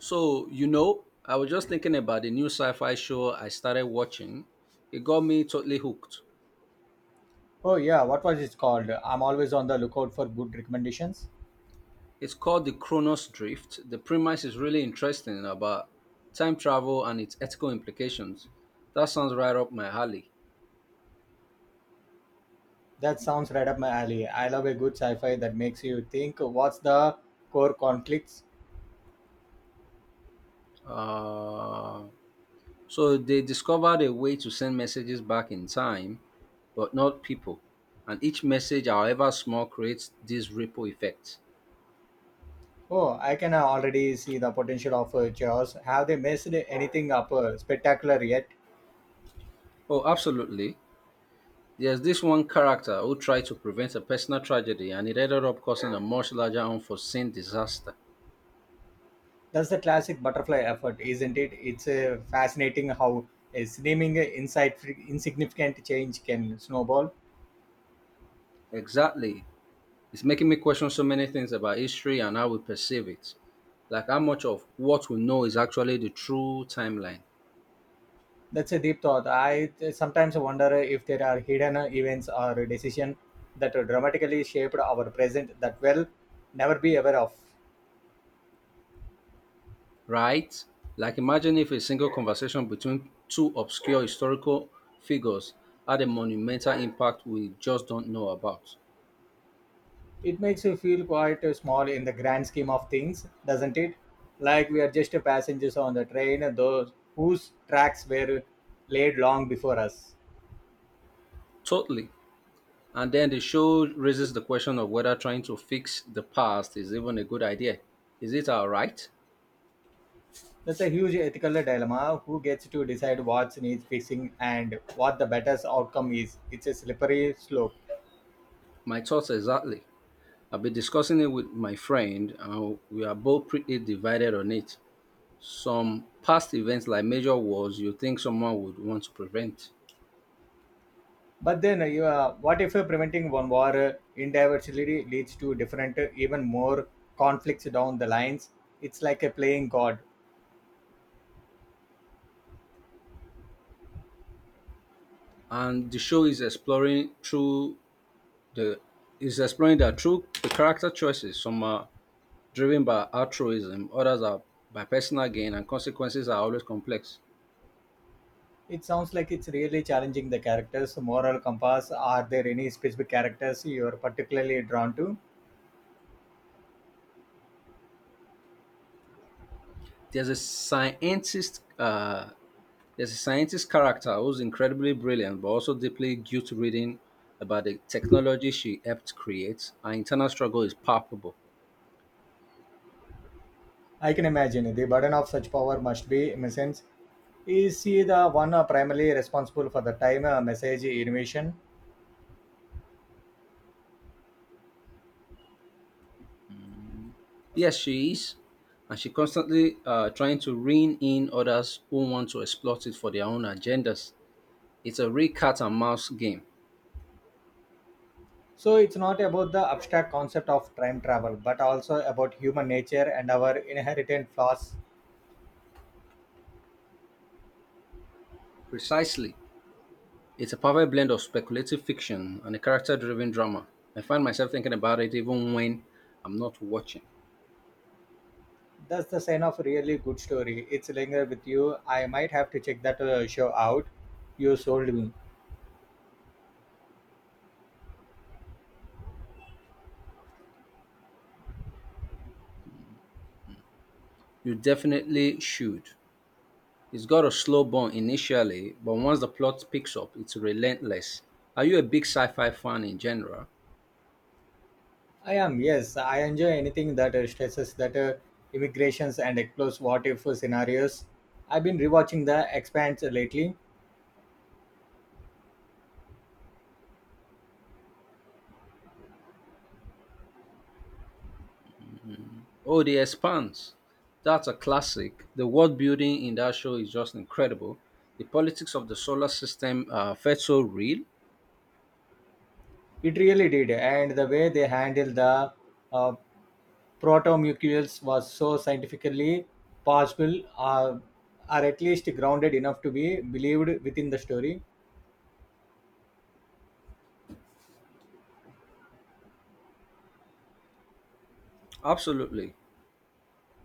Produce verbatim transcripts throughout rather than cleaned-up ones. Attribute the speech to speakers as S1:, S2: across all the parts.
S1: So, you know, I was just thinking about the new sci fi show I started watching. It got me totally hooked.
S2: Oh yeah, what was it called? I'm always on the lookout for good recommendations.
S1: It's called The Chronos Drift. The premise is really interesting about time travel and its ethical implications. That sounds right up my alley.
S2: That sounds right up my alley. I love a good sci-fi that makes you think what's the core conflicts.
S1: Uh, so, they discovered a way to send messages back in time, but not people. And each message, however small, creates this ripple effect.
S2: Oh, I can already see the potential of uh, Jaws. Have they messed anything up uh, spectacular yet?
S1: Oh, absolutely. There's this one character who tried to prevent a personal tragedy and it ended up causing a much larger unforeseen disaster.
S2: That's the classic butterfly effort, isn't it? It's uh, fascinating how a seeming insightful, insignificant change can snowball.
S1: Exactly. It's making me question so many things about history and how we perceive it. Like how much of what we know is actually the true timeline,
S2: That's a deep thought. I sometimes wonder if there are hidden events or decisions that dramatically shaped our present that we will never be aware of.
S1: right? Like imagine if a single conversation between two obscure historical figures had a monumental impact we just don't know about.
S2: It makes you feel quite small in the grand scheme of things, doesn't it? Like we are just passengers on the train, those whose tracks were laid long before us.
S1: Totally. And then the show raises the question of whether trying to fix the past is even a good idea. Is it our right?
S2: That's a huge ethical dilemma. Who gets to decide what needs fixing and what the better outcome is? It's a slippery slope.
S1: My thoughts exactly. I've been discussing it with my friend, and we are both pretty divided on it. Some past events, like major wars, you think someone would want to prevent,
S2: But then, uh, you, uh, what if uh, preventing one war uh, individually leads to different, uh, even more conflicts down the lines? It's like a playing God.
S1: and the show is exploring through the is exploring that through the character choices. Some are driven by altruism, others are by personal gain, and consequences are always complex.
S2: It sounds like it's really challenging the characters' moral compass. Are there any specific characters you're particularly drawn to?
S1: there's a scientist uh, there's a scientist character who's incredibly brilliant but also deeply guilt-ridden about the technology she helped create. Her internal struggle is palpable.
S2: I can imagine the burden of such power must be immense. Is he the one uh, primarily responsible for the time uh, message innovation?
S1: Yes, she is, and she constantly uh, trying to rein in others who want to exploit it for their own agendas. It's a real cat and mouse game.
S2: So it's not about the abstract concept of time travel, but also about human nature and our inherent flaws.
S1: Precisely. It's a perfect blend of speculative fiction and a character-driven drama. I find myself thinking about it even when I'm not watching.
S2: That's the sign of a really good story. It's linger with you. I might have to check that uh, show out. You sold me.
S1: You definitely should. It's got a slow burn initially, but once the plot picks up, it's relentless. Are you a big sci-fi fan in general?
S2: I am, yes. I enjoy anything that uh, stresses that uh, immigrations and explores what if scenarios. I've been rewatching The Expanse lately.
S1: Oh, The Expanse. That's a classic. The world building in that show is just incredible. The politics of the solar system uh, felt so real.
S2: It really did. And the way they handled the uh, protomucules was so scientifically possible, uh, or at least grounded enough to be believed within the story.
S1: Absolutely.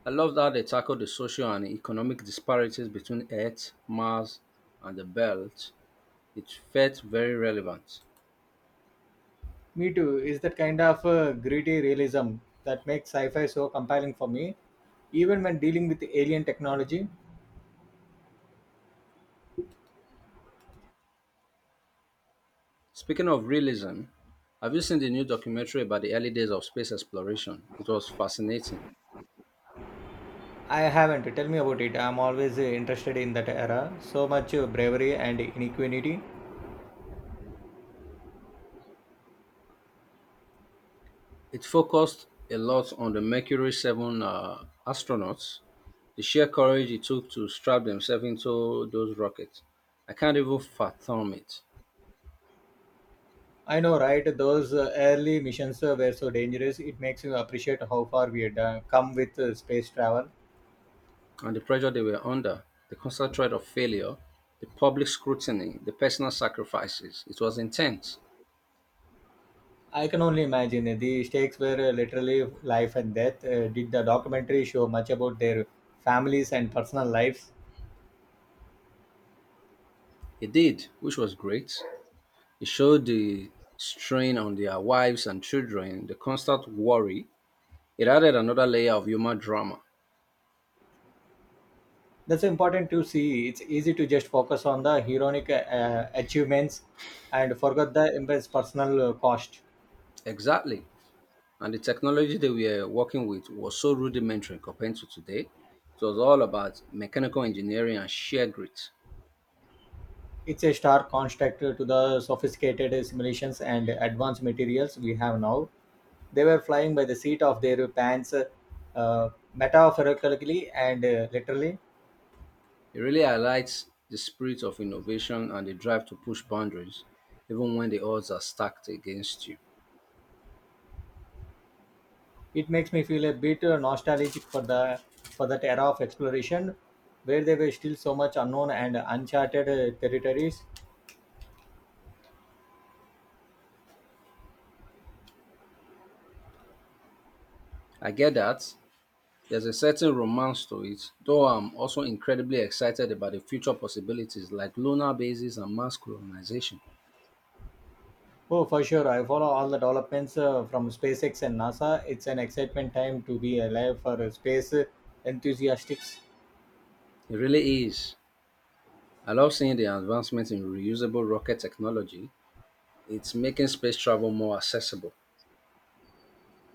S1: I love that they tackle the social and economic disparities between Earth, Mars, and the Belt. It felt very relevant.
S2: Me too. Is that kind of uh, gritty realism that makes sci-fi so compelling for me, even when dealing with alien technology.
S1: Speaking of realism, have you seen the new documentary about the early days of space exploration? It was fascinating.
S2: I haven't. Tell me about it. I'm always uh, interested in that era. So much uh, bravery and inequity.
S1: It focused a lot on the Mercury seven uh, astronauts, the sheer courage it took to strap themselves into those rockets. I can't even fathom it.
S2: I know, right? Those uh, early missions uh, were so dangerous. It makes you appreciate how far we had uh, come with uh, space travel.
S1: And the pressure they were under, the constant threat of failure, the public scrutiny, the personal sacrifices. It was intense.
S2: I can only imagine uh, the stakes were uh, literally life and death. Uh, did the documentary show much about their families and personal lives?
S1: It did, which was great. It showed the strain on their wives and children, the constant worry. It added another layer of human drama.
S2: That's important to see. It's easy to just focus on the heroic uh, achievements and forget the immense personal uh, cost.
S1: Exactly. And the technology they were working with was so rudimentary compared to today. It was all about mechanical engineering and sheer grit.
S2: It's a stark contrast to the sophisticated simulations and advanced materials we have now. They were flying by the seat of their pants, uh, metaphorically and uh, literally.
S1: It really highlights the spirit of innovation and the drive to push boundaries, even when the odds are stacked against you.
S2: It makes me feel a bit uh, nostalgic for the for that era of exploration where there were still so much unknown and uncharted uh, territories.
S1: I get that. There's a certain romance to it, though I'm also incredibly excited about the future possibilities like lunar bases and mass colonization.
S2: Oh, for sure. I follow all the developments uh, from SpaceX and NASA. It's an excitement time to be alive for uh, space uh, enthusiasts.
S1: It really is. I love seeing the advancement in reusable rocket technology. It's making space travel more accessible.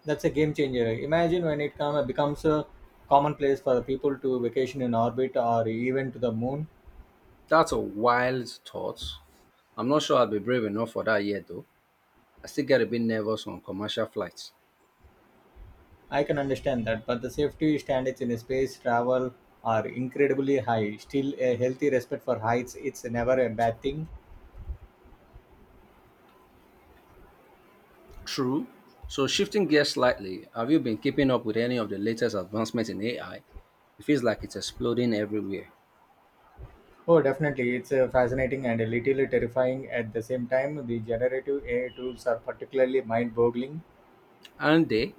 S2: That's a game changer. Imagine when it come, becomes a commonplace for people to vacation in orbit or even to the moon.
S1: That's a wild thought. I'm not sure I'll be brave enough for that yet, though. I still get a bit nervous on commercial flights.
S2: I can understand that, but the safety standards in space travel are incredibly high. Still, a healthy respect for heights. It's never a bad thing.
S1: True. So, shifting gears slightly, have you been keeping up with any of the latest advancements in A I? It feels like it's exploding everywhere.
S2: Oh, definitely. It's uh, fascinating and a little terrifying at the same time. The generative A I tools are particularly mind boggling.
S1: And they,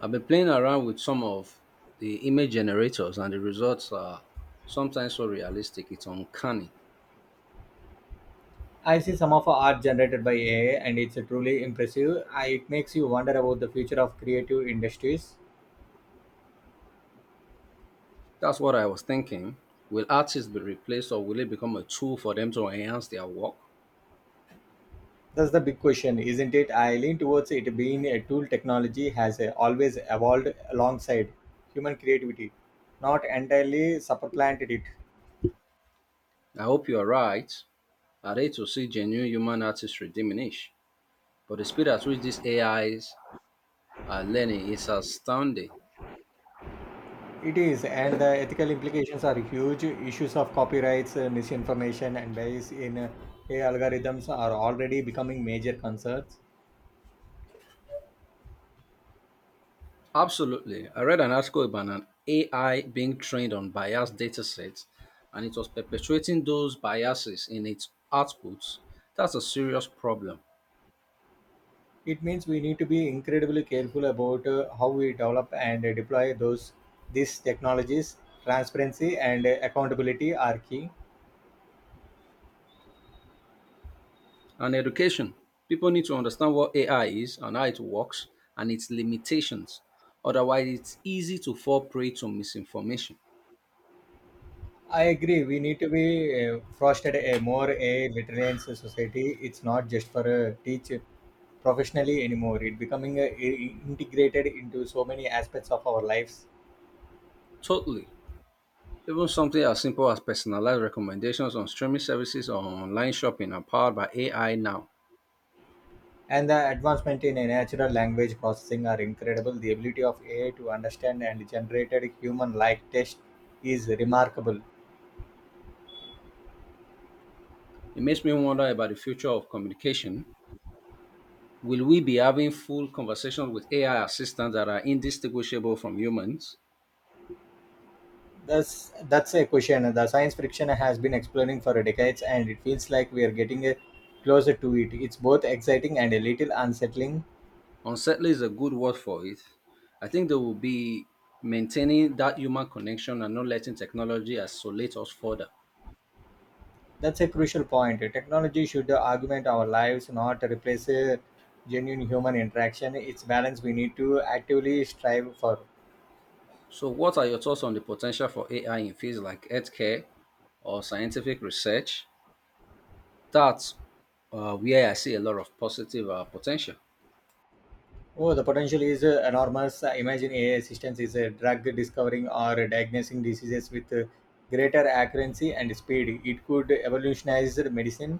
S1: I've been playing around with some of the image generators, and the results are sometimes so realistic, it's uncanny.
S2: I see some of art generated by A I, and it's uh, truly impressive. I, it makes you wonder about the future of creative industries.
S1: That's what I was thinking. Will artists be replaced or will it become a tool for them to enhance their work?
S2: That's the big question, isn't it? I lean towards it being a tool technology has uh, always evolved alongside human creativity, not entirely supplanted it.
S1: I hope you are right. I hate to see genuine human artistry diminish, but the speed at which these A Is are learning is astounding.
S2: It is, and the ethical implications are huge. Issues of copyrights, uh, misinformation, and bias in uh, A I algorithms are already becoming major concerns.
S1: Absolutely. I read an article about an A I being trained on biased datasets and it was perpetuating those biases in its outputs. That's a serious problem.
S2: It means we need to be incredibly careful about uh, how we develop and uh, deploy those these technologies. Transparency and uh, accountability are key.
S1: And education. People need to understand what A I is and how it works and its limitations. Otherwise, it's easy to fall prey to misinformation.
S2: I agree. We need to be uh, fostered a more a literary society. It's not just for uh, teach professionally anymore. It becoming uh, i- integrated into so many aspects of our lives.
S1: Totally. Even something as simple as personalized recommendations on streaming services or online shopping are powered by A I now.
S2: And the advancement in a natural language processing are incredible. The ability of A I to understand and generated human-like text is remarkable.
S1: It makes me wonder about the future of communication. Will we be having full conversations with A I assistants that are indistinguishable from humans?
S2: That's that's a question. The science fiction has been exploring for decades, and it feels like we are getting uh, closer to it. It's both exciting and a little unsettling.
S1: Unsettling is a good word for it. I think they will be maintaining that human connection and not letting technology isolate us further.
S2: That's a crucial point. Technology should augment our lives, not replace uh, genuine human interaction. It's balance we need to actively strive for.
S1: So, what are your thoughts on the potential for A I in fields like healthcare or scientific research? That's uh, where I see a lot of positive uh, potential.
S2: Oh, the potential is uh, enormous. Imagine A I assistance is a drug discovering or diagnosing diseases with uh, greater accuracy and speed. It could evolutionize medicine.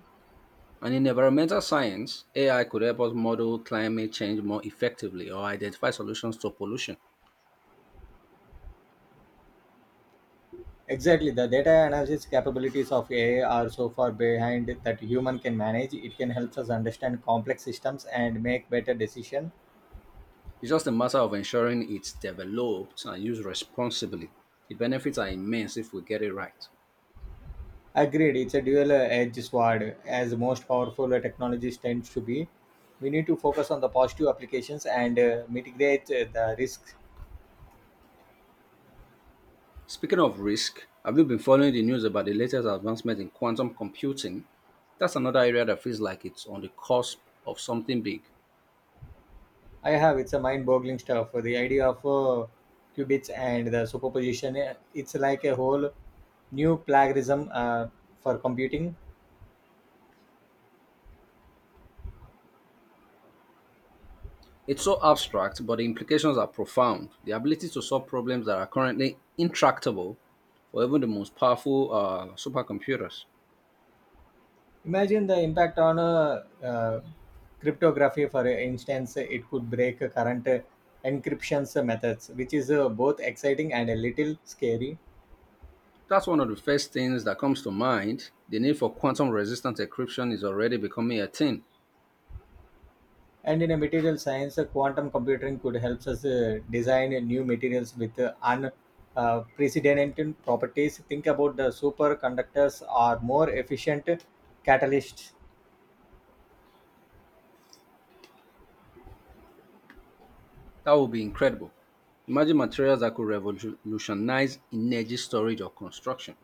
S1: And in environmental science, A I could help us model climate change more effectively or identify solutions to pollution.
S2: Exactly, the data analysis capabilities of A I are so far behind that human can manage. It can help us understand complex systems and make better decisions.
S1: It's just a matter of ensuring it's developed and used responsibly. The benefits are immense if we get it right.
S2: Agreed, it's a dual uh, edge sword, as most powerful uh, technologies tend to be. We need to focus on the positive applications and uh, mitigate uh, the risks.
S1: Speaking of risk, have you been following the news about the latest advancement in quantum computing? That's another area that feels like it's on the cusp of something big.
S2: I have. It's a mind boggling stuff. The idea of uh, qubits and the superposition, uh, it's like a whole new plagiarism uh, for computing.
S1: It's so abstract, but the implications are profound. The ability to solve problems that are currently intractable for even the most powerful uh, supercomputers.
S2: Imagine the impact on uh, uh, cryptography, for instance, it could break current uh, encryptions methods, which is uh, both exciting and a little scary.
S1: That's one of the first things that comes to mind. The need for quantum resistant encryption is already becoming a thing.
S2: And in a material science, uh, quantum computing could help us uh, design uh, new materials with uh, unprecedented properties. Think about the superconductors or more efficient catalysts.
S1: That would be incredible. Imagine materials that could revolutionize energy storage or construction.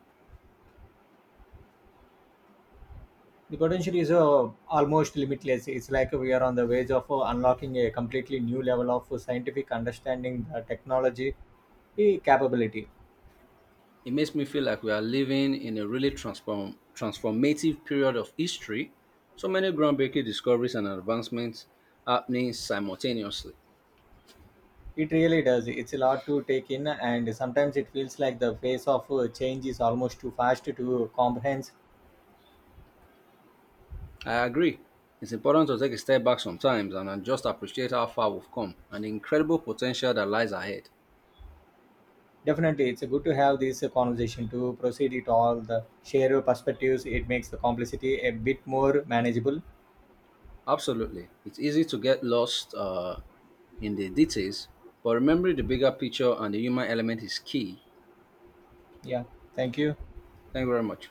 S2: The potential is uh, almost limitless. It's like we are on the verge of uh, unlocking a completely new level of scientific understanding, the technology eh, capability.
S1: It makes me feel like we are living in a really transform, transformative period of history. So many groundbreaking discoveries and advancements happening simultaneously.
S2: It really does. It's a lot to take in, and sometimes it feels like the pace of uh, change is almost too fast to comprehend.
S1: I agree. It's important to take a step back sometimes and then just appreciate how far we've come and the incredible potential that lies ahead.
S2: Definitely, it's good to have this conversation to proceed it all the share your perspectives. It makes the complexity a bit more manageable.
S1: Absolutely. It's easy to get lost uh, in the details, but remembering the bigger picture and the human element is key.
S2: Yeah, thank you.
S1: Thank you very much.